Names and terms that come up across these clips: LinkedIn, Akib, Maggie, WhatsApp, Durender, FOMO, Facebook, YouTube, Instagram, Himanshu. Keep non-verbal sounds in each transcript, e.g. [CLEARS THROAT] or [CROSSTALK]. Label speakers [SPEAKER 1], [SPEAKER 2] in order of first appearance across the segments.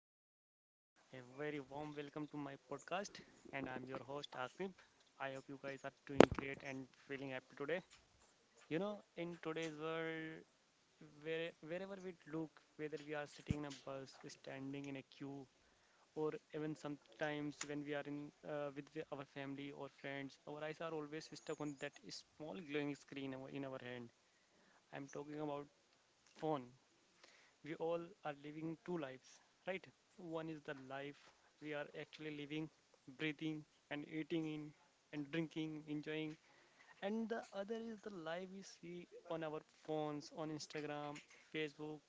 [SPEAKER 1] Hello, everyone. A very warm welcome to my podcast, and I'm your host, Akib. I hope you guys are doing great and feeling happy today. You know, in today's world, where, wherever we look, whether we are sitting in a bus, standing in a queue, or even sometimes when we are in with our family or friends, our eyes are always stuck on that small glowing screen in our hand. I'm talking about phone, we all are living two lives, right? One is the life we are actually living, breathing and eating in and drinking, enjoying, and the other is the life we see on our phones, on Instagram, Facebook,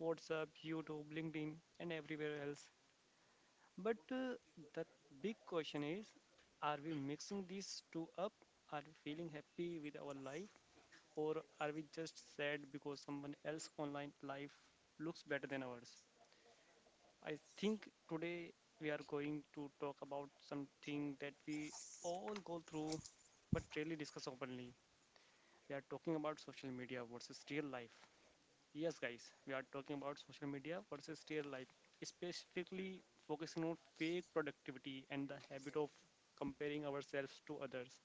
[SPEAKER 1] WhatsApp, YouTube, LinkedIn, and everywhere else. But the big question is, are we mixing these two up? Are we feeling happy with our life? Or are we just sad because someone else online life looks better than ours? I think today we are going to talk about something that we all go through but rarely discuss openly. We are talking about social media versus real life. Yes, guys, we are talking about social media versus real life, specifically focusing on fake productivity and the habit of comparing ourselves to others,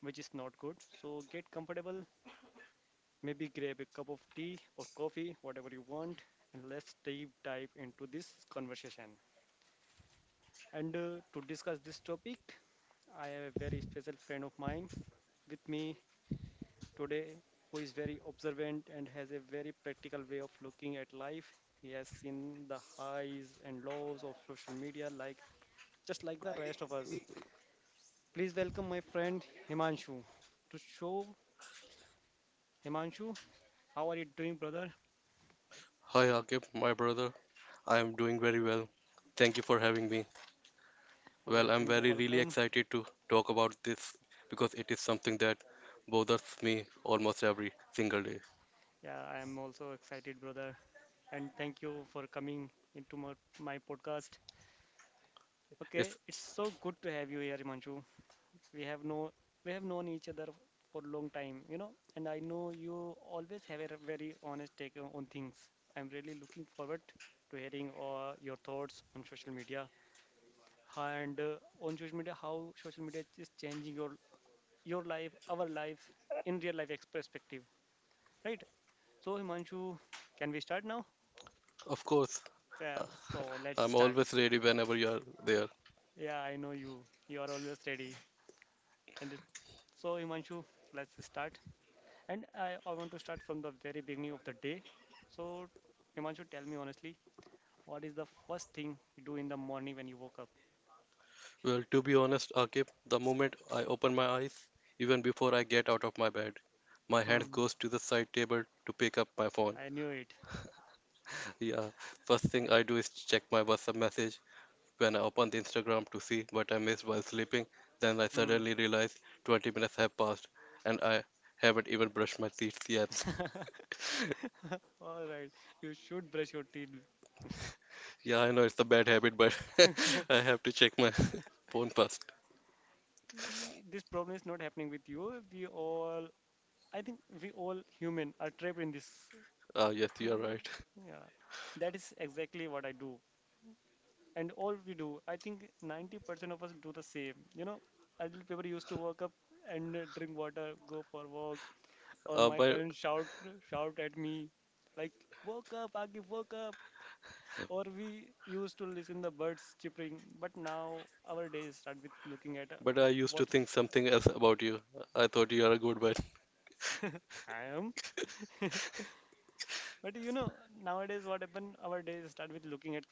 [SPEAKER 1] which is not good. So get comfortable, maybe grab a cup of tea or coffee, whatever you want, and let's deep dive into this conversation. And To discuss this topic, I have a very special friend of mine with me today who is very observant and has a very practical way of looking at life. He has seen the highs and lows of social media just like the rest of us. Please welcome my friend Himanshu. To show Himanshu, how are you doing, brother?
[SPEAKER 2] Hi Akib, my brother. I am doing very well. Thank you for having me. Well, I'm
[SPEAKER 1] Welcome,
[SPEAKER 2] very really
[SPEAKER 1] welcome.
[SPEAKER 2] excited to talk about this because it is something that bothers me almost every single day.
[SPEAKER 1] Yeah, I am also excited, brother. And thank you for coming into my podcast. Okay,
[SPEAKER 2] It's
[SPEAKER 1] it's so good to have you here, Himanshu. We have no we have known each other for a long time, you know, and I know you always have a very honest take on things. I'm really looking forward to hearing your thoughts on social media and on social media how social media is changing your life our life in real life perspective, right? So Himanshu, can we start now?
[SPEAKER 2] of course
[SPEAKER 1] Yeah,
[SPEAKER 2] uh,
[SPEAKER 1] so let's
[SPEAKER 2] I'm
[SPEAKER 1] start.
[SPEAKER 2] always ready whenever you are there.
[SPEAKER 1] Yeah, I know you, you are always ready. and it- so Himanshu, let's start. And I want to start from the very beginning of the day. So, Himanshu, tell me honestly, what is the first thing you do in the morning when you woke up?
[SPEAKER 2] Well, to be honest, Akib, the moment I open my eyes, even before I get out of my bed, my hand
[SPEAKER 1] Hmm,
[SPEAKER 2] goes to the side table to pick up my phone.
[SPEAKER 1] I knew it.
[SPEAKER 2] Yeah, first thing I do is check my WhatsApp message when I opened the Instagram to see what I missed while sleeping. Then I
[SPEAKER 1] Hmm.
[SPEAKER 2] suddenly realized 20 minutes have passed and I haven't even brushed my teeth yet.
[SPEAKER 1] [LAUGHS] All right, you should brush your teeth.
[SPEAKER 2] Yeah, I know it's a bad habit, but [LAUGHS] I
[SPEAKER 1] [LAUGHS]
[SPEAKER 2] have to check my [LAUGHS] phone first.
[SPEAKER 1] This problem is not happening with you. I think, we all human are trapped in this.
[SPEAKER 2] Ah, yes, you are
[SPEAKER 1] Mm,
[SPEAKER 2] right.
[SPEAKER 1] yeah, that is exactly what I do. And all we do, I think 90% of us do the same, you know. Adult people used to wake up and drink water, go for walk, or
[SPEAKER 2] Uh,
[SPEAKER 1] my
[SPEAKER 2] but
[SPEAKER 1] parents shout shout at me like, woke up Agif, woke up. Or we used to listen the birds chirping, but now our days start with looking at
[SPEAKER 2] but I used to
[SPEAKER 1] what.
[SPEAKER 2] think something else about you. I thought you are a good one.
[SPEAKER 1] [LAUGHS] I am, but you know, nowadays what happen, our days start with looking at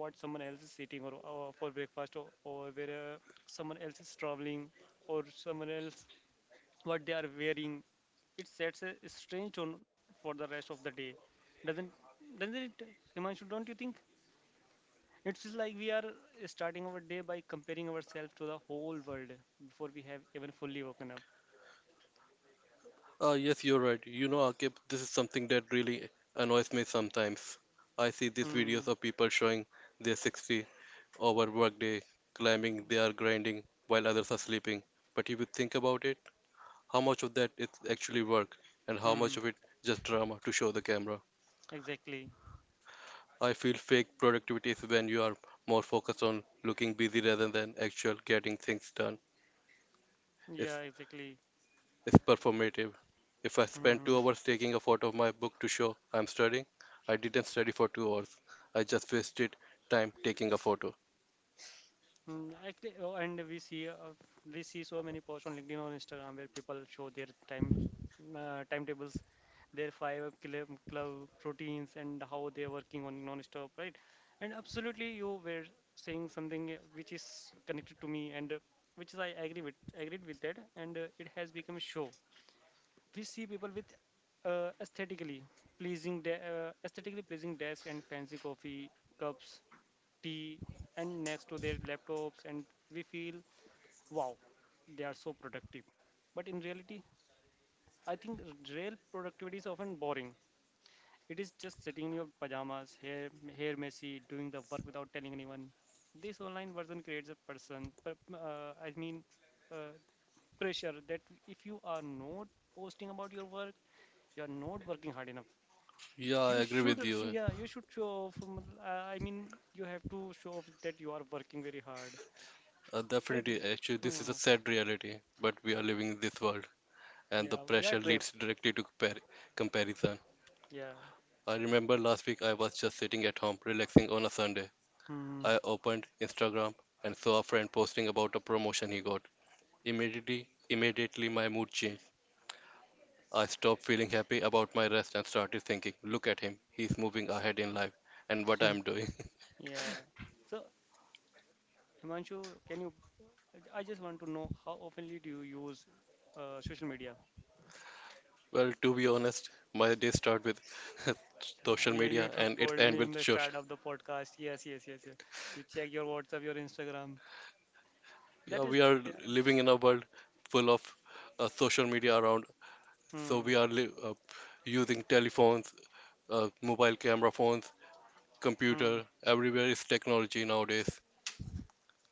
[SPEAKER 1] what someone else is eating or for breakfast or where someone else is traveling, or someone else what they are wearing. It sets a strange tone for the rest of the day. Doesn't doesn't it, Himanshu? Don't you think? It feels like we are starting our day by comparing ourselves to the whole world before we have even fully woken up.
[SPEAKER 2] Ah, yes, you're right. You know, Akib, this is something that really annoys me sometimes. I see these videos
[SPEAKER 1] Hmm.
[SPEAKER 2] of people showing their 60 over workday, claiming they are grinding while others are sleeping. But if you think about it, how much of that is actually work and how
[SPEAKER 1] Hmm.
[SPEAKER 2] much of it just drama to show the camera?
[SPEAKER 1] Exactly.
[SPEAKER 2] I feel fake productivity is when you are more focused on looking busy rather than actual getting things done. It's,
[SPEAKER 1] Yeah. Exactly.
[SPEAKER 2] it's performative. If I spend two
[SPEAKER 1] Hmm.
[SPEAKER 2] hours taking a photo of my book to show I'm studying, I didn't study for 2 hours. I just wasted time taking a photo.
[SPEAKER 1] Mm, actually, oh, and we see so many posts on LinkedIn or Instagram where people show their time timetables, their club routines, and how they're working on non-stop, right? And absolutely, you were saying something, which is connected to me, and which is I agree with agreed with that, and it has become a show. We see people with uh, aesthetically aesthetically pleasing desk and fancy coffee cups, tea, and next to their laptops, and we feel, wow, they are so productive, but in reality, I think real productivity is often boring. It is just sitting in your pajamas, hair messy, doing the work without telling anyone. This online version creates a person per- I mean uh, pressure that if you are not posting about your work, you are not working hard enough.
[SPEAKER 2] Yeah, I
[SPEAKER 1] You
[SPEAKER 2] agree
[SPEAKER 1] should
[SPEAKER 2] with you.
[SPEAKER 1] Yeah, you should show off, you have to show off that you are working very hard. Right?
[SPEAKER 2] Actually, this is a
[SPEAKER 1] Hmm.
[SPEAKER 2] sad reality, but we are living in this world, and the
[SPEAKER 1] Yeah, we are
[SPEAKER 2] pressure
[SPEAKER 1] trapped.
[SPEAKER 2] leads directly to comparison.
[SPEAKER 1] Yeah.
[SPEAKER 2] I remember last week I was just sitting at home, relaxing on a Sunday.
[SPEAKER 1] Hmm.
[SPEAKER 2] I opened Instagram and saw a friend posting about a promotion he got. Immediately my mood changed. I stopped feeling happy about my rest and started thinking, look at him, he's moving ahead in life, and what I'm doing. [LAUGHS]
[SPEAKER 1] Yeah. So, Himanshu, can you? I just want to know how oftenly do you use social media?
[SPEAKER 2] Well, to be honest, my day start with [LAUGHS] social
[SPEAKER 1] Yeah, you
[SPEAKER 2] media
[SPEAKER 1] two
[SPEAKER 2] and it
[SPEAKER 1] told
[SPEAKER 2] end
[SPEAKER 1] me in
[SPEAKER 2] with
[SPEAKER 1] the
[SPEAKER 2] church.
[SPEAKER 1] start of the podcast. Yes, yes, yes, yes. You check your WhatsApp, your Instagram.
[SPEAKER 2] Yeah,
[SPEAKER 1] That is.
[SPEAKER 2] we are
[SPEAKER 1] Yeah.
[SPEAKER 2] living in a world full of social media around, so
[SPEAKER 1] Hmm.
[SPEAKER 2] we are using telephones, mobile camera phones,
[SPEAKER 1] Hmm.
[SPEAKER 2] computer. Everywhere is technology nowadays.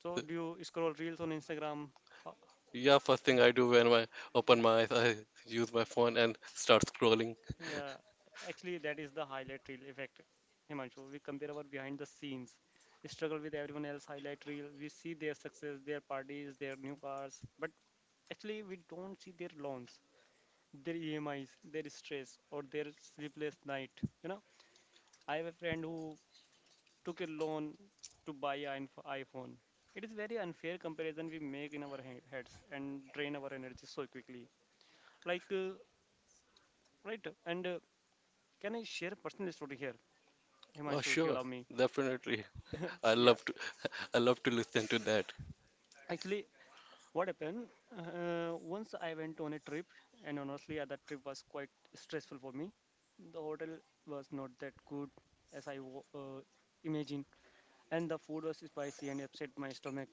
[SPEAKER 1] So,
[SPEAKER 2] So,
[SPEAKER 1] do you scroll reels on Instagram? How?
[SPEAKER 2] yeah, first thing I do when I open my eyes, I use my phone and start scrolling.
[SPEAKER 1] Yeah, actually, that is the highlight reel effect, Himanshu. We compare our behind the scenes struggle with everyone else highlight reel. We see their success, their parties, their new cars, but actually, we don't see their loans, their EMIs, their stress, or their sleepless night. You know, I have a friend who took a loan to buy an iPhone. It is very unfair comparison we make in our heads and drain our energy so quickly. Like, right? And Can I share a personal story here,
[SPEAKER 2] Oh,
[SPEAKER 1] Himanshu, if you
[SPEAKER 2] sure,
[SPEAKER 1] allow me?
[SPEAKER 2] definitely.
[SPEAKER 1] [LAUGHS]
[SPEAKER 2] I
[SPEAKER 1] Yeah,
[SPEAKER 2] love to. I love to listen to that.
[SPEAKER 1] actually, what happened, once I went on a trip, and honestly that trip was quite stressful for me. The hotel was not that good as imagined, and the food was spicy and upset my stomach,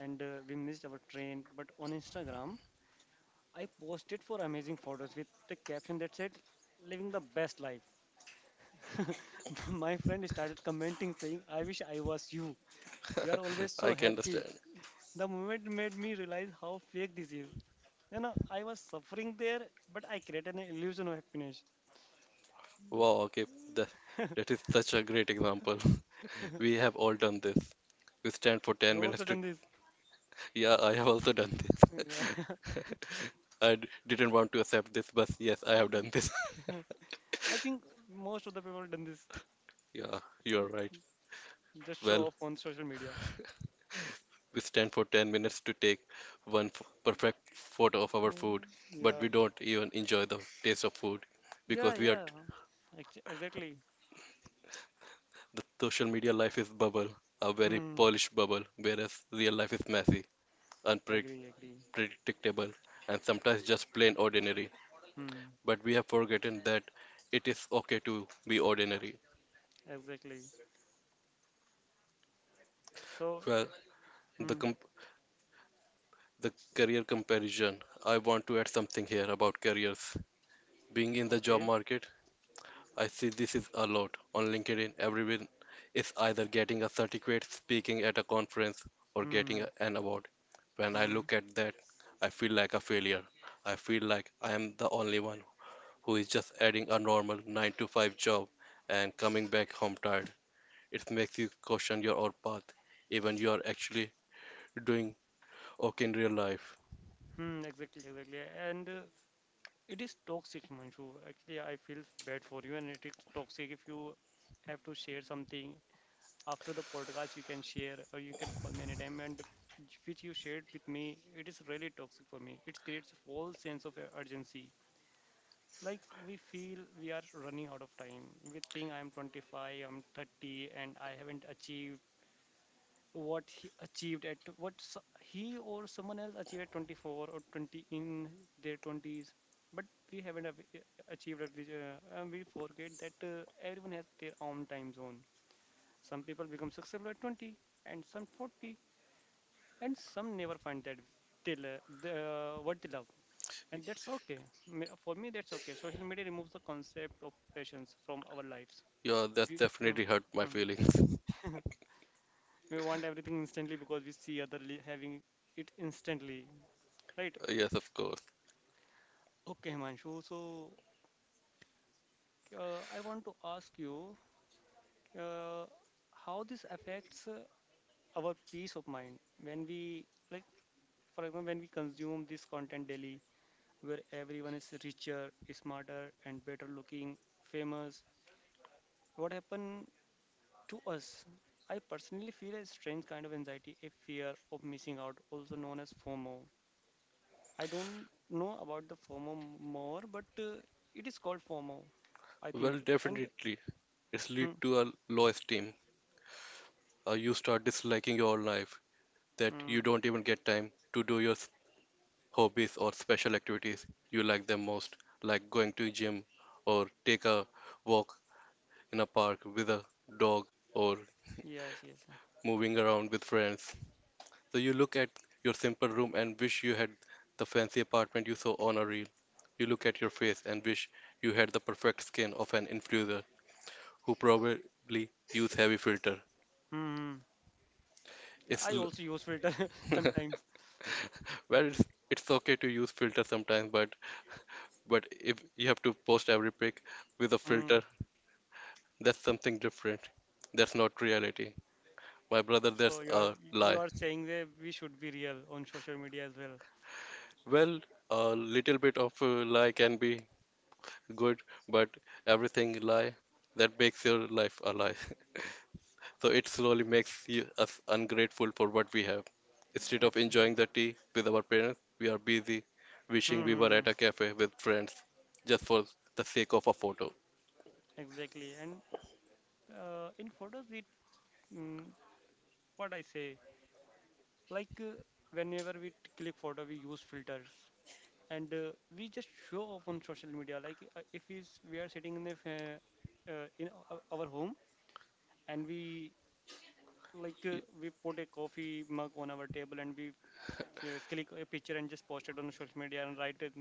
[SPEAKER 1] and we missed our train. But on Instagram, I posted for amazing photos with the caption that said, living the best life. [LAUGHS] My friend started commenting saying, I wish I was you, you are always so
[SPEAKER 2] I can
[SPEAKER 1] happy.
[SPEAKER 2] understand.
[SPEAKER 1] The moment made me realize how fake this is. You know, I was suffering there, but I created an illusion of happiness.
[SPEAKER 2] Wow. Okay. That that is such a great example. [LAUGHS] We have all done this. We stand for
[SPEAKER 1] [LAUGHS]
[SPEAKER 2] 10
[SPEAKER 1] You
[SPEAKER 2] minutes
[SPEAKER 1] also
[SPEAKER 2] to.
[SPEAKER 1] done this.
[SPEAKER 2] Yeah, I have also done this.
[SPEAKER 1] Yeah.
[SPEAKER 2] [LAUGHS] I didn't want to accept this, but yes, I have done this. [LAUGHS]
[SPEAKER 1] [LAUGHS] I think most of the people done this.
[SPEAKER 2] Yeah, you're right.
[SPEAKER 1] Just
[SPEAKER 2] Well,
[SPEAKER 1] show up on social media.
[SPEAKER 2] we stand for 10 minutes to take one f perfect photo of our food,
[SPEAKER 1] Mm,
[SPEAKER 2] but
[SPEAKER 1] yeah.
[SPEAKER 2] we don't even enjoy the taste of food because
[SPEAKER 1] Yeah,
[SPEAKER 2] we are
[SPEAKER 1] yeah.
[SPEAKER 2] t
[SPEAKER 1] Exactly.
[SPEAKER 2] social media life is bubble, a very
[SPEAKER 1] Hmm.
[SPEAKER 2] polished bubble, whereas real life is messy,
[SPEAKER 1] Agree, agree.
[SPEAKER 2] unpredictable, and sometimes just plain ordinary.
[SPEAKER 1] Hmm.
[SPEAKER 2] But we have forgotten that it is okay to be ordinary.
[SPEAKER 1] Exactly. So,
[SPEAKER 2] Well, the
[SPEAKER 1] hmm.
[SPEAKER 2] comp- the career comparison. I want to add something here about careers. Being in the job
[SPEAKER 1] Okay.
[SPEAKER 2] market, I see this is a lot. On LinkedIn, everyone is either getting a certificate, speaking at a conference, or getting
[SPEAKER 1] Hmm.
[SPEAKER 2] an award. When I
[SPEAKER 1] Hmm.
[SPEAKER 2] look at that, I feel like a failure. I feel like I am the only one who is just adding a normal 9 to 5 job and coming back home tired. It makes you question your own path, even you are actually doing okay in real life.
[SPEAKER 1] Hmm. Exactly, exactly. And It is toxic, Manju. Actually, I feel bad for you, and it is toxic. If you have to share something after the podcast, you can share, or you can call me anytime. And which you shared with me, it is really toxic for me. It creates a false sense of urgency. Like, we feel we are running out of time. We think I'm 25, I'm 30, and I haven't achieved what he achieved he or someone else achieved at 24 or 20 in their 20s, but we haven't av- achieved at which, and we forget that everyone has their own time zone. Some people become successful at 20, and some 40, and some never find that till what they love, and that's okay. For me, that's okay. Social media removes the concept of patience from our lives.
[SPEAKER 2] Yeah, that
[SPEAKER 1] Hmm,
[SPEAKER 2] definitely hurt my feelings.
[SPEAKER 1] hmm.
[SPEAKER 2] [LAUGHS]
[SPEAKER 1] [LAUGHS] We want everything instantly because we see having it instantly, right?
[SPEAKER 2] Yes, of course.
[SPEAKER 1] Okay, Himanshu. So I want to ask you uh, how this affects our peace of mind when we, like, for example, when we consume this content daily, where everyone is richer, smarter, and better looking, famous. What happened to us? I personally feel a strange kind of anxiety, a fear of missing out, also known as FOMO. I don't know about the FOMO more, but it is called FOMO, I
[SPEAKER 2] Well,
[SPEAKER 1] think. And
[SPEAKER 2] definitely. It's lead
[SPEAKER 1] hmm,
[SPEAKER 2] to a low esteem. You start disliking your life, that you
[SPEAKER 1] hmm,
[SPEAKER 2] don't even get time to do your hobbies or special activities you like them most, like going to gym or take a walk in a park with a dog or
[SPEAKER 1] yes, yes.
[SPEAKER 2] moving around with friends. So you look at your simple room and wish you had the fancy apartment you saw on a reel. You look at your face and wish you had the perfect skin of an influencer who probably use heavy filter.
[SPEAKER 1] Hmm. Hmm.
[SPEAKER 2] It's
[SPEAKER 1] I
[SPEAKER 2] l-
[SPEAKER 1] also use filter [LAUGHS] sometimes.
[SPEAKER 2] [LAUGHS] well, it's okay to use filter sometimes, but if you have to post every pic with a
[SPEAKER 1] Hmm.
[SPEAKER 2] filter, that's something different. That's not reality, my brother.
[SPEAKER 1] So
[SPEAKER 2] That's
[SPEAKER 1] you are
[SPEAKER 2] a
[SPEAKER 1] you
[SPEAKER 2] lie.
[SPEAKER 1] are saying that we should be real on social media as well.
[SPEAKER 2] Well, a little bit of a lie can be good, but everything lie that makes your life a lie. [LAUGHS] So it slowly makes us ungrateful for what we have. Instead of
[SPEAKER 1] Ex-
[SPEAKER 2] enjoying the tea with our parents, we are busy
[SPEAKER 1] Hmm.
[SPEAKER 2] wishing we
[SPEAKER 1] Hmm,
[SPEAKER 2] were
[SPEAKER 1] hmm.
[SPEAKER 2] at a cafe with friends just for the sake of a photo.
[SPEAKER 1] Exactly. And In photos, we, mm, what I say, like, whenever we click photo, we use filters. And we just show off on social media, like, if we, s- we are sitting in the fa- in our home, and we, like,
[SPEAKER 2] Y-
[SPEAKER 1] we put a coffee mug on our table, and we click a picture and just post it on social media and write it,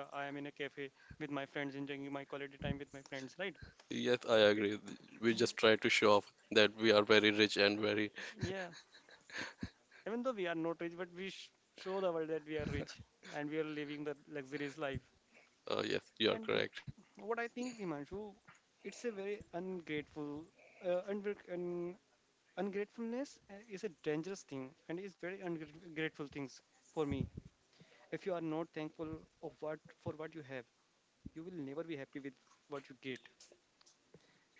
[SPEAKER 1] I am in a cafe with my friends, enjoying my quality time with my friends, right?
[SPEAKER 2] Yes, I
[SPEAKER 1] It,
[SPEAKER 2] agree. We just try to show off that we are very rich and very.
[SPEAKER 1] yeah, even though we are not rich, but we show the world that we are rich and we are living the luxurious life.
[SPEAKER 2] Yes, you are
[SPEAKER 1] And it,
[SPEAKER 2] correct.
[SPEAKER 1] what I think, Himanshu, it's a very uh, and, ungratefulness is a dangerous thing and is very ungrateful things for me. If you are not thankful of what for what you have, you will never be happy with what you get.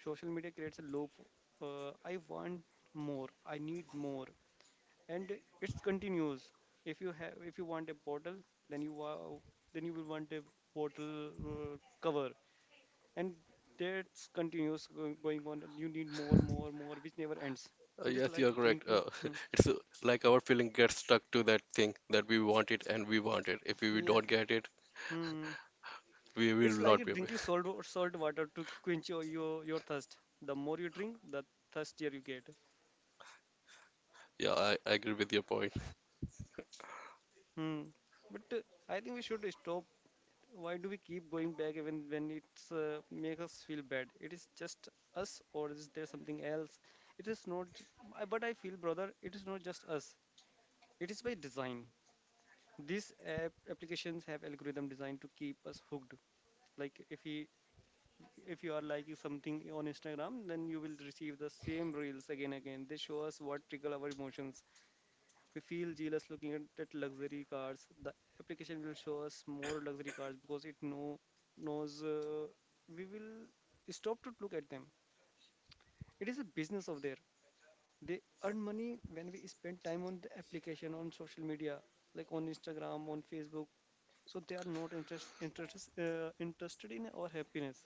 [SPEAKER 1] Social media creates a loop. I want more. I need more, and it's continuous. If you want a bottle, then you wow, then you will want a bottle cover, and that's continuous going on. You need more, more, more, which never ends. It is
[SPEAKER 2] Yes, you
[SPEAKER 1] like
[SPEAKER 2] are correct.
[SPEAKER 1] drinking. Hmm.
[SPEAKER 2] [LAUGHS] It's like our feeling gets stuck to that thing that we want it and we want it. If we
[SPEAKER 1] Yeah.
[SPEAKER 2] don't get it,
[SPEAKER 1] Hmm.
[SPEAKER 2] we will
[SPEAKER 1] It's like
[SPEAKER 2] not be. [LAUGHS]
[SPEAKER 1] drinking salt water to quench your thirst. The more you drink, the thirstier you get.
[SPEAKER 2] Yeah, I agree with your point.
[SPEAKER 1] Hmm. But I think we should stop. Why do we keep going back even when it's make us feel bad? It is just us, or is there something else? It is not. But I feel, brother, it is not just us. It is by design. These applications have algorithm designed to keep us hooked. Like if you are liking something on Instagram, then you will receive the same reels again and again. They show us what trigger our emotions. We feel jealous looking at luxury cars. The application will show us more luxury cars because it knows we will stop to look at them. It is a business of there. They earn money when we spend time on the application on social media, like on Instagram, on Facebook. So they are not interested in our happiness.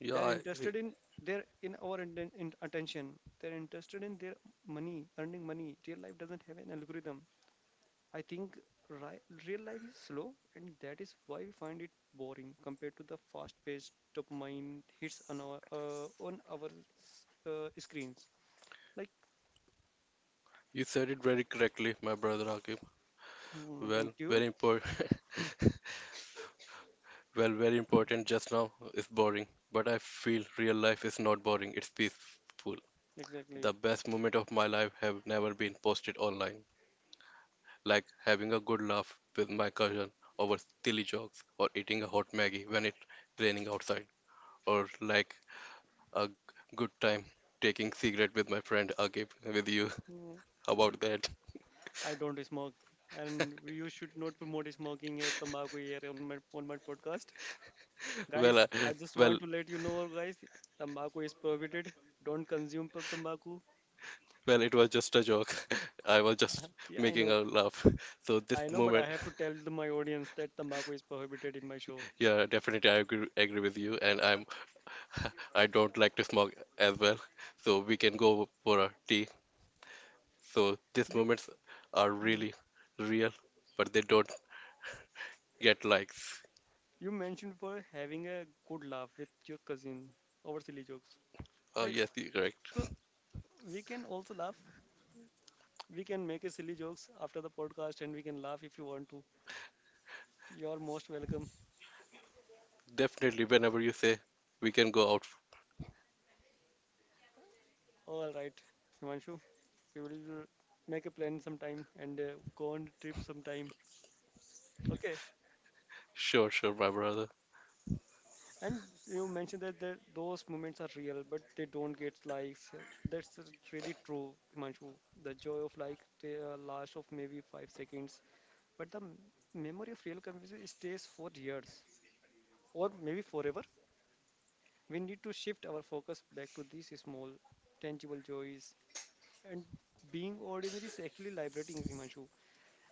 [SPEAKER 2] Yeah,
[SPEAKER 1] They're
[SPEAKER 2] I agree.
[SPEAKER 1] interested in, they're in our in attention. They're interested in their money earning money. Real life doesn't have an algorithm, I think. ri- Real life is slow, and that is why we find it boring compared to the fast paced dopamine hits on our screens. Like,
[SPEAKER 2] You said it very correctly, my brother Akib.
[SPEAKER 1] hmm, thank
[SPEAKER 2] Well,
[SPEAKER 1] you.
[SPEAKER 2] very important. [LAUGHS]
[SPEAKER 1] Hmm,
[SPEAKER 2] well, very important just now is boring, but I feel real life is not boring. It's peaceful.
[SPEAKER 1] exactly.
[SPEAKER 2] The best moment of my life have never been posted online, like having a good laugh with my cousin over silly jokes, or eating a hot Maggie when it's raining outside, or like a good time taking cigarette with my friend Akib. With you,
[SPEAKER 1] Hmm,
[SPEAKER 2] [LAUGHS] how about that?
[SPEAKER 1] I don't smoke, and you should not promote smoking or tobacco here on my podcast.
[SPEAKER 2] [LAUGHS]
[SPEAKER 1] Guys,
[SPEAKER 2] well, I,
[SPEAKER 1] I just
[SPEAKER 2] well,
[SPEAKER 1] want to let you know, guys, tobacco is prohibited. Don't consume tobacco.
[SPEAKER 2] Well, it was just a joke. [LAUGHS] I was
[SPEAKER 1] Uh-huh.
[SPEAKER 2] just
[SPEAKER 1] Yeah, I
[SPEAKER 2] making
[SPEAKER 1] know.
[SPEAKER 2] her laugh. So this
[SPEAKER 1] I know, but I
[SPEAKER 2] moment,
[SPEAKER 1] have to tell my audience that tobacco is prohibited in my show.
[SPEAKER 2] yeah, definitely I agree with you, and
[SPEAKER 1] Uh,
[SPEAKER 2] I'm [LAUGHS] I don't like to smoke as well. So we can go for a tea. So these
[SPEAKER 1] You,
[SPEAKER 2] moments are
[SPEAKER 1] you
[SPEAKER 2] really real, but they don't get likes.
[SPEAKER 1] you mentioned for having a good laugh with your cousin over silly jokes,
[SPEAKER 2] Oh
[SPEAKER 1] right?
[SPEAKER 2] yes, you're
[SPEAKER 1] So
[SPEAKER 2] correct.
[SPEAKER 1] we can also laugh. We can make a silly jokes after the podcast, and we can laugh if you want to. You're most welcome.
[SPEAKER 2] Definitely, whenever you say we can go out,
[SPEAKER 1] All right, Himanshu, we will make a plan sometime and go on a trip sometime. Okay.
[SPEAKER 2] sure, sure, my brother.
[SPEAKER 1] And you mentioned that those moments are real, but they don't get likes. That's really true, Himanshu. The joy of like the last of maybe 5 seconds, but the memory of real conversation stays for years or maybe forever. We need to shift our focus back to these small, tangible joys. And being ordinary is actually liberating, Himanshu.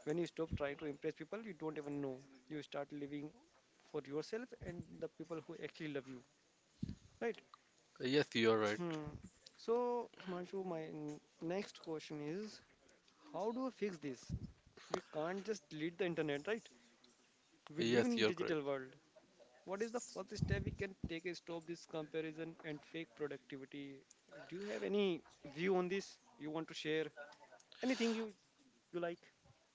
[SPEAKER 1] When you stop trying to impress people, you don't even know. You start living for yourself and the people who actually love you, right?
[SPEAKER 2] Yes, you're right.
[SPEAKER 1] Hmm. So, Himanshu, my next question is, how do we fix this? We can't just delete the internet, right? We live
[SPEAKER 2] Yes,
[SPEAKER 1] in
[SPEAKER 2] you're
[SPEAKER 1] digital
[SPEAKER 2] correct.
[SPEAKER 1] world. What is the first step we can take to stop this comparison and fake productivity? Do you have any view on this you want to share? Anything you like?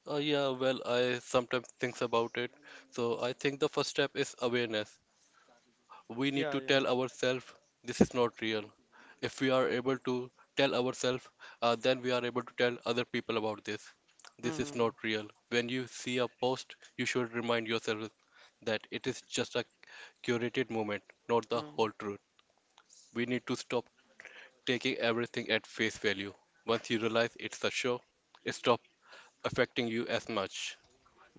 [SPEAKER 2] Yeah, well, I sometimes think about it. So I think the first step is awareness. We need
[SPEAKER 1] Yeah,
[SPEAKER 2] to
[SPEAKER 1] yeah.
[SPEAKER 2] tell ourselves this is not real. If we are able to tell ourselves, then we are able to tell other people about this.
[SPEAKER 1] Hmm.
[SPEAKER 2] This is
[SPEAKER 1] Hmm,
[SPEAKER 2] not real. When you see a post, you should remind yourself that it is just a curated moment, not the
[SPEAKER 1] hmm.
[SPEAKER 2] whole truth. We need to stop taking everything at face value. Once you realize it's a show, it stops affecting you as much.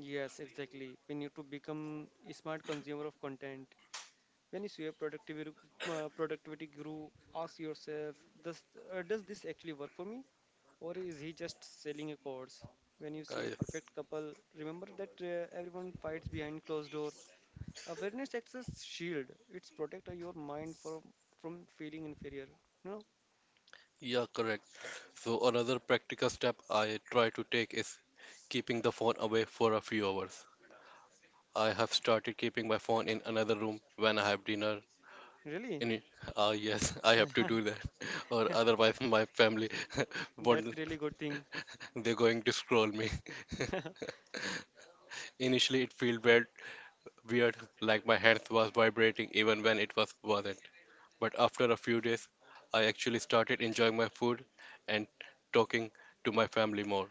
[SPEAKER 1] Yes, exactly. We need to become a smart consumer of content. When you see a productivity grew, ask yourself, does, does this actually work for me? Or is he just selling a course? When you see a
[SPEAKER 2] Guys.
[SPEAKER 1] perfect couple, remember that everyone fights behind closed door. Awareness acts as shield. It's protect your mind from feeling inferior. No,
[SPEAKER 2] Yeah, correct. So another practical step I try to take is keeping the phone away for a few hours. I have started keeping my phone in another room when I have dinner.
[SPEAKER 1] really,
[SPEAKER 2] In ah yes, [LAUGHS] I have to do that,
[SPEAKER 1] [LAUGHS]
[SPEAKER 2] [LAUGHS] or otherwise my family [LAUGHS]
[SPEAKER 1] that's
[SPEAKER 2] won't.
[SPEAKER 1] really good thing.
[SPEAKER 2] They're going to scroll me. [LAUGHS] Initially, it felt weird, like my hands was vibrating even when it wasn't. But after a few days, I actually started enjoying my food and talking to my family more.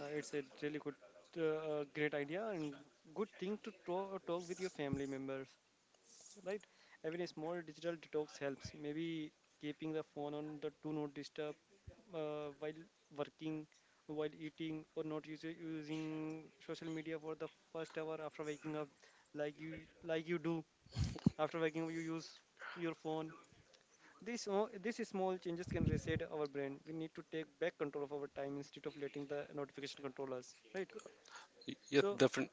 [SPEAKER 1] It's a really good, great idea and good thing to talk with your family members. Right. Even a small digital detox helps, maybe keeping the phone on the do not disturb while working, while eating, or not use, using social media for the first hour after waking up, like you do. After waking up, you use your phone. These small changes can reset our brain. We need to take back control of our time instead of letting the notification control us, right?
[SPEAKER 2] Yes,
[SPEAKER 1] So
[SPEAKER 2] defi-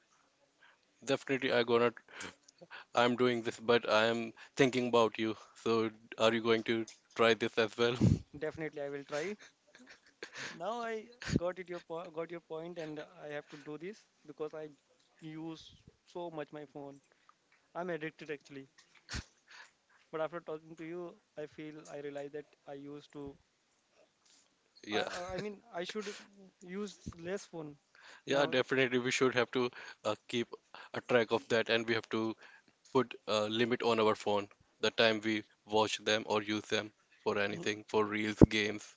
[SPEAKER 2] Definitely, I gonna. I'm doing this, but I'm thinking about you. So, are you going to try this as well? [LAUGHS]
[SPEAKER 1] definitely I will try. Now I got it your got your point, and I have to do this because I use so much my phone. I'm addicted actually. But after talking to you, I feel I realize that I used to.
[SPEAKER 2] Yeah,
[SPEAKER 1] I mean I should use less phone
[SPEAKER 2] yeah,
[SPEAKER 1] now.
[SPEAKER 2] definitely. We should have to keep a track of that, and we have to put a limit on our phone, the time we watch them or use them for anything,
[SPEAKER 1] [CLEARS THROAT]
[SPEAKER 2] for reels, games.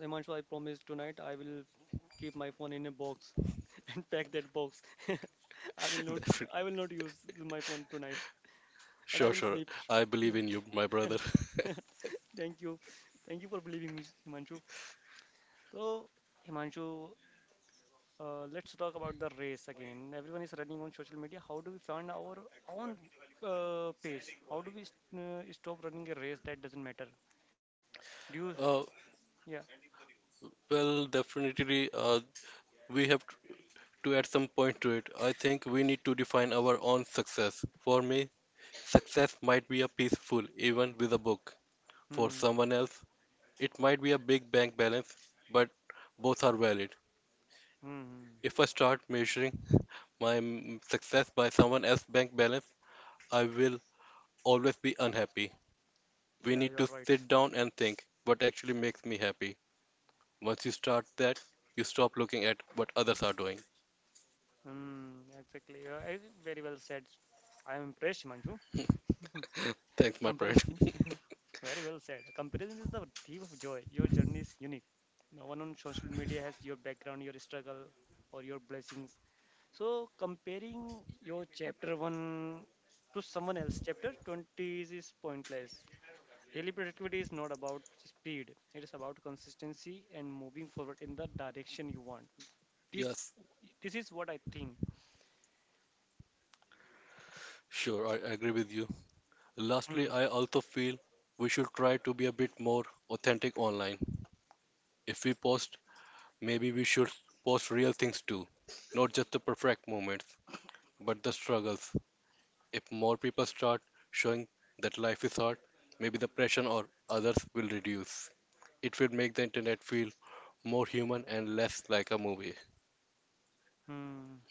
[SPEAKER 1] Himanshu, I promise tonight I will keep my phone in a box [LAUGHS] and pack that box. [LAUGHS] I will
[SPEAKER 2] [LAUGHS]
[SPEAKER 1] not
[SPEAKER 2] Defi-
[SPEAKER 1] I will not use my phone tonight, and I
[SPEAKER 2] Sure,
[SPEAKER 1] will
[SPEAKER 2] sure.
[SPEAKER 1] sleep.
[SPEAKER 2] I believe in you, my brother. [LAUGHS]
[SPEAKER 1] Yeah. [LAUGHS] Thank you, thank you for believing me, Himanshu. So, Himanshu, let's talk about the race again. Everyone is running on social media. How do we find our own pace? How do we stop running a race that doesn't matter? Do you?
[SPEAKER 2] Uh,
[SPEAKER 1] Yeah.
[SPEAKER 2] well, definitely, uh, we have to add some point to it. I think we need to define our own success. For me, success might be a peaceful even with a book. For
[SPEAKER 1] Hmm.
[SPEAKER 2] someone else, it might be a big bank balance, but both are valid.
[SPEAKER 1] Hmm. Hmm.
[SPEAKER 2] If I start measuring my success by someone else's bank balance, I will always be unhappy. We
[SPEAKER 1] Yeah,
[SPEAKER 2] need
[SPEAKER 1] you
[SPEAKER 2] to
[SPEAKER 1] are right.
[SPEAKER 2] sit down and think what actually makes me happy. Once you start that, you stop looking at what others are doing.
[SPEAKER 1] Hmm. Exactly. Very well said. I am impressed, Manju.
[SPEAKER 2] Thanks, my friend.
[SPEAKER 1] Comparison.
[SPEAKER 2] [LAUGHS]
[SPEAKER 1] [LAUGHS] Very well said. Comparison is the thief of joy. Your journey is unique. No one on social media has your background, your struggle, or your blessings. So comparing your chapter one to someone else, chapter 20 is pointless. Daily productivity is not about speed. It is about consistency and moving forward in the direction you want. This
[SPEAKER 2] Yes,
[SPEAKER 1] this is what I think.
[SPEAKER 2] sure, I agree with you. Lastly,
[SPEAKER 1] Hmm.
[SPEAKER 2] I also feel we should try to be a bit more authentic online. If we post maybe we should post real things too, not just the perfect moments, but the struggles. If more people start showing that life is hard, maybe the pressure on others will reduce. It will make the internet feel more human and less like a movie.
[SPEAKER 1] Hmm.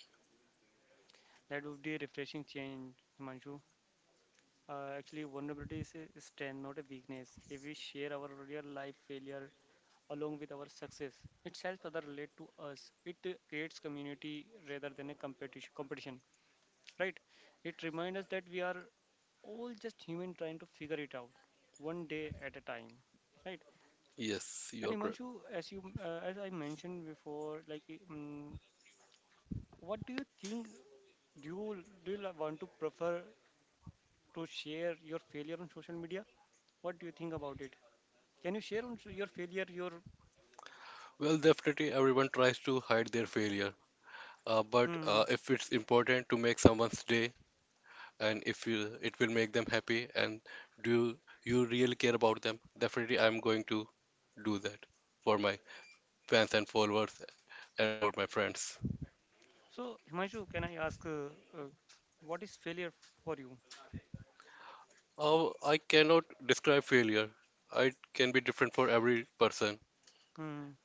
[SPEAKER 1] That would be a refreshing change, Himanshu. Actually, vulnerability is a strength, not a weakness. If we share our real life failure along with our success, it helps others relate to us. It creates community rather than a competition. Right? It reminds us that we are all just human trying to figure it out one day at a time, right?
[SPEAKER 2] Yes,
[SPEAKER 1] And
[SPEAKER 2] you're correct.
[SPEAKER 1] Himanshu, as I mentioned before, like um, what do you think? Do you want to prefer to share your failure on social media? What do you think about it? Can you share on your failure? Your
[SPEAKER 2] Well, definitely everyone tries to hide their failure, uh, but
[SPEAKER 1] hmm.
[SPEAKER 2] uh, if it's important to make someone's day and if you, it will make them happy and do you really care about them, definitely I'm going to do that for my fans and followers and for my friends.
[SPEAKER 1] So, Himanshu, can I ask uh, what is failure for you?
[SPEAKER 2] Oh, I cannot describe failure. It can be different for every person.
[SPEAKER 1] Hmm.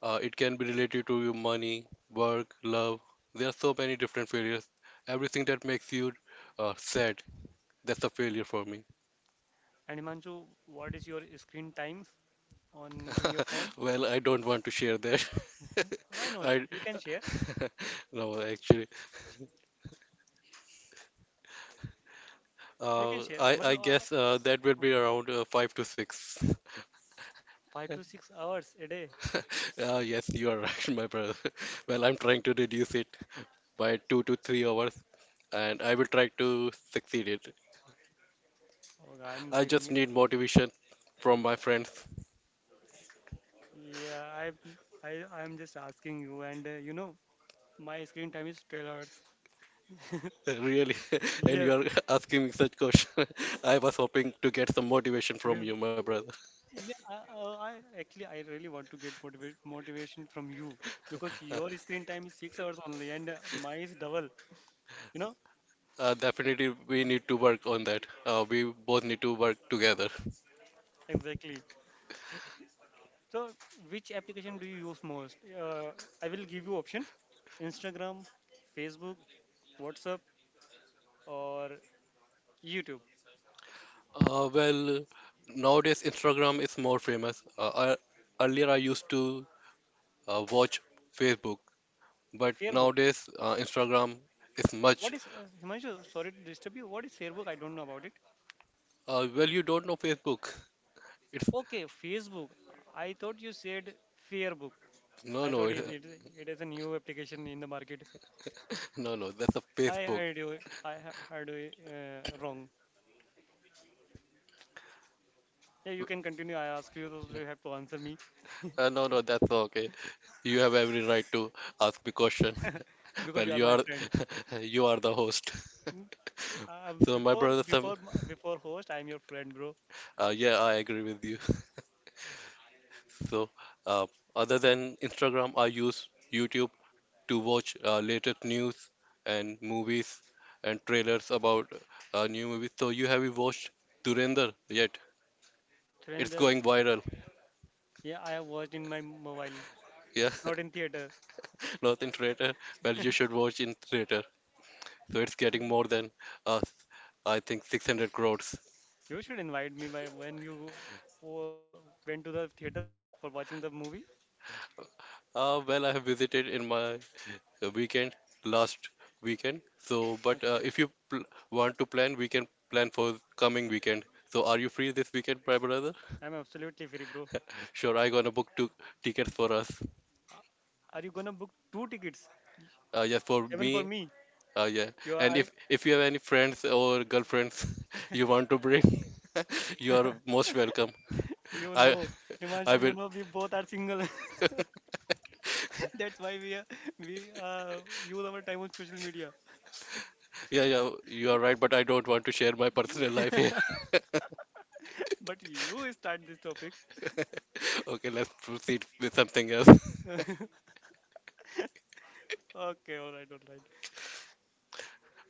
[SPEAKER 2] It can be related to your money, work, love. There are so many different failures. Everything that makes you sad, that's a failure for me.
[SPEAKER 1] And Himanshu, what is your screen time on in your phone?
[SPEAKER 2] [LAUGHS] Well, I don't want to share that. [LAUGHS]
[SPEAKER 1] Why not?
[SPEAKER 2] I
[SPEAKER 1] You can share.
[SPEAKER 2] [LAUGHS] no, actually,
[SPEAKER 1] You can
[SPEAKER 2] uh,
[SPEAKER 1] share.
[SPEAKER 2] I
[SPEAKER 1] Matlab,
[SPEAKER 2] guess that will
[SPEAKER 1] uh,
[SPEAKER 2] be around five to six.
[SPEAKER 1] 5 to 6 hours a day.
[SPEAKER 2] [LAUGHS] Yes, you are right, [LAUGHS] my brother. [LAUGHS] Well, I'm trying to reduce it by 2 to 3 hours, and I will try to succeed it.
[SPEAKER 1] Oh, I'm
[SPEAKER 2] I
[SPEAKER 1] giving
[SPEAKER 2] just
[SPEAKER 1] it.
[SPEAKER 2] need motivation from my friends,
[SPEAKER 1] Yeah, I'm just asking you, and my screen time is 12 hours. [LAUGHS]
[SPEAKER 2] [LAUGHS] really. [LAUGHS] And you
[SPEAKER 1] Yes.
[SPEAKER 2] are [LAUGHS] asking me such question. [LAUGHS] I was hoping to get some motivation from
[SPEAKER 1] be-
[SPEAKER 2] you, my brother.
[SPEAKER 1] Yeah, actually I really want to get motivation from you because your screen time is 6 hours only and mine is double. You know
[SPEAKER 2] Definitely, we need to work on that. We both need to work together.
[SPEAKER 1] exactly. So which application do you use most? Uh, I will give you option: Instagram, Facebook, WhatsApp, or YouTube.
[SPEAKER 2] Well, nowadays Instagram is more famous. Earlier, I used to watch Facebook, but
[SPEAKER 1] Facebook.
[SPEAKER 2] nowadays Instagram is much.
[SPEAKER 1] What is Himanshu? Sorry to disturb you. What is Facebook? I don't know about it.
[SPEAKER 2] Well, you don't know Facebook. It's—
[SPEAKER 1] Okay, Facebook. I thought you said Fairbook.
[SPEAKER 2] no,
[SPEAKER 1] I
[SPEAKER 2] no,
[SPEAKER 1] thought it is a new application in the market.
[SPEAKER 2] [LAUGHS] no, no. That's a
[SPEAKER 1] I
[SPEAKER 2] Facebook.
[SPEAKER 1] heard you. I heard you wrong. Yeah, you can continue. I ask you, so you have to answer me
[SPEAKER 2] No, no, that's okay. You have every right to ask me question. [LAUGHS]
[SPEAKER 1] [LAUGHS] because
[SPEAKER 2] Well,
[SPEAKER 1] you are
[SPEAKER 2] you
[SPEAKER 1] my
[SPEAKER 2] are,
[SPEAKER 1] friend.
[SPEAKER 2] [LAUGHS] you are the host. [LAUGHS]
[SPEAKER 1] Mm, Uh,
[SPEAKER 2] So my
[SPEAKER 1] before
[SPEAKER 2] brother,
[SPEAKER 1] before
[SPEAKER 2] Sam,
[SPEAKER 1] m- before host, I am your friend, bro.
[SPEAKER 2] yeah, I agree with you. [LAUGHS] So, uh, other than Instagram, I use YouTube to watch latest news and movies and trailers about new movies. So you watched Durender yet? It's
[SPEAKER 1] Surrender.
[SPEAKER 2] going viral.
[SPEAKER 1] Yeah, I have watched in my mobile,
[SPEAKER 2] Yeah,
[SPEAKER 1] not in theater.
[SPEAKER 2] [LAUGHS] not in theater. Well, you should watch in theater. So it's getting more than, uh, I think, 600 crores.
[SPEAKER 1] You should invite me by when you uh, went to the theater for watching the movie.
[SPEAKER 2] Well, I have visited in my weekend, last weekend. So, but
[SPEAKER 1] Okay,
[SPEAKER 2] if you pl want to plan, we can plan for coming weekend. So, are you free this weekend, my brother?
[SPEAKER 1] I'm absolutely free, bro.
[SPEAKER 2] Sure, I gonna book two tickets for us.
[SPEAKER 1] Are you gonna book two tickets?
[SPEAKER 2] Yeah, for
[SPEAKER 1] Even for
[SPEAKER 2] me.
[SPEAKER 1] me,
[SPEAKER 2] Yeah.
[SPEAKER 1] you
[SPEAKER 2] And
[SPEAKER 1] are.
[SPEAKER 2] if you have any friends or girlfriends [LAUGHS] you want to bring, [LAUGHS] you are most welcome.
[SPEAKER 1] You
[SPEAKER 2] I—
[SPEAKER 1] know,
[SPEAKER 2] [LAUGHS]
[SPEAKER 1] Himanshu,
[SPEAKER 2] I
[SPEAKER 1] you
[SPEAKER 2] will.
[SPEAKER 1] know we both are single. [LAUGHS]
[SPEAKER 2] [LAUGHS]
[SPEAKER 1] That's why we use our time on social media.
[SPEAKER 2] Yeah, yeah, you are right, but I don't want to share my [LAUGHS] personal life here.
[SPEAKER 1] But you start this topic.
[SPEAKER 2] [LAUGHS] Okay, let's proceed with something else. [LAUGHS]
[SPEAKER 1] [LAUGHS] Okay, all right, all right.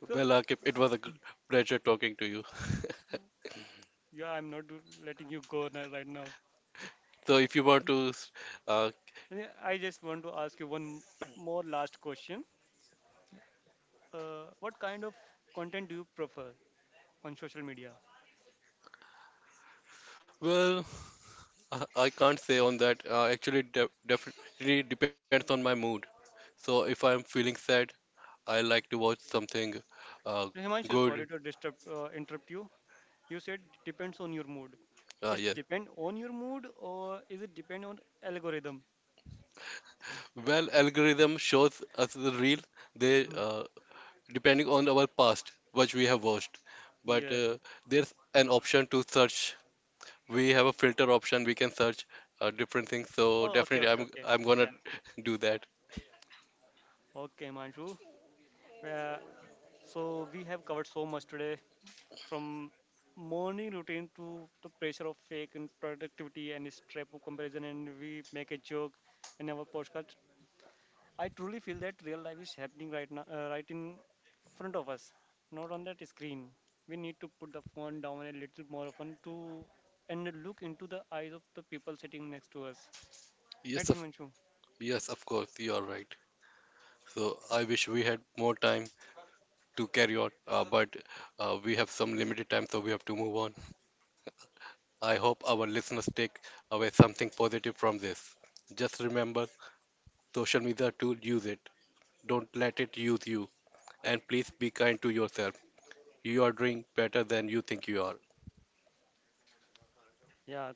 [SPEAKER 1] So
[SPEAKER 2] Well, Akib, it
[SPEAKER 1] uh,
[SPEAKER 2] was a— g- pleasure talking to you.
[SPEAKER 1] yeah, I'm not letting you go now, right now.
[SPEAKER 2] So, if you want to, s- uh,
[SPEAKER 1] Yeah, I just want to ask you one more last question. What kind of content do you prefer on social media?
[SPEAKER 2] well, I I can't say on that. Actually, it de definitely depends on my mood. So, if I'm feeling sad, I like to watch something uh,
[SPEAKER 1] Himanshu, sorry
[SPEAKER 2] good.
[SPEAKER 1] to interrupt you. You said depends on your mood. It's
[SPEAKER 2] Yeah.
[SPEAKER 1] depend on your mood, or is it depend on algorithm?
[SPEAKER 2] Well, algorithm shows us the real. They
[SPEAKER 1] Hmm.
[SPEAKER 2] uh, Depending on our past which we have watched, but
[SPEAKER 1] Yes.
[SPEAKER 2] there's an option to search, we have a filter option, we can search different things. So
[SPEAKER 1] Oh, okay,
[SPEAKER 2] definitely
[SPEAKER 1] okay,
[SPEAKER 2] i'm
[SPEAKER 1] okay.
[SPEAKER 2] i'm gonna
[SPEAKER 1] Yeah.
[SPEAKER 2] [LAUGHS] do that.
[SPEAKER 1] Okay, Manju. Uh, so we have covered so much today, from morning routine to the pressure of fake and productivity and this trap of comparison, and we make a joke in our podcast. I truly feel that real life is happening right now, right in front of us, not on that screen. We need to put the phone down a little more often to and look into the eyes of the people sitting next to us.
[SPEAKER 2] yes
[SPEAKER 1] Right,
[SPEAKER 2] of
[SPEAKER 1] Himanshu?
[SPEAKER 2] yes, of course, you are right. So I wish we had more time to carry on, but we have some limited time, so we have to move on. I hope our listeners take away something positive from this. Just remember, social media tool, use it, don't let it use you, and please be kind to yourself. You are doing better than you think you are.
[SPEAKER 1] Yeah,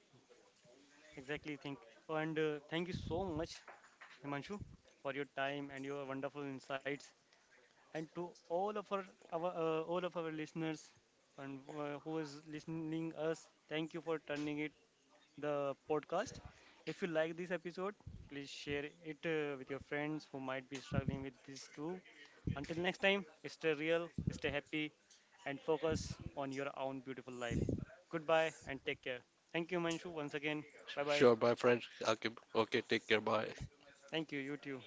[SPEAKER 1] exactly. Think and thank you so much, Himanshu, for your time and your wonderful insights. And to all of our listeners and who is listening us, thank you for turning it the podcast. If you like this episode, please share it with your friends who might be struggling with this too. Until next time, stay real, stay happy, and focus on your own beautiful life. Goodbye and take care. Thank you, Manshu, once again. Bye bye.
[SPEAKER 2] Sure, my friend. Okay, okay, take care. Bye.
[SPEAKER 1] Thank you, you too.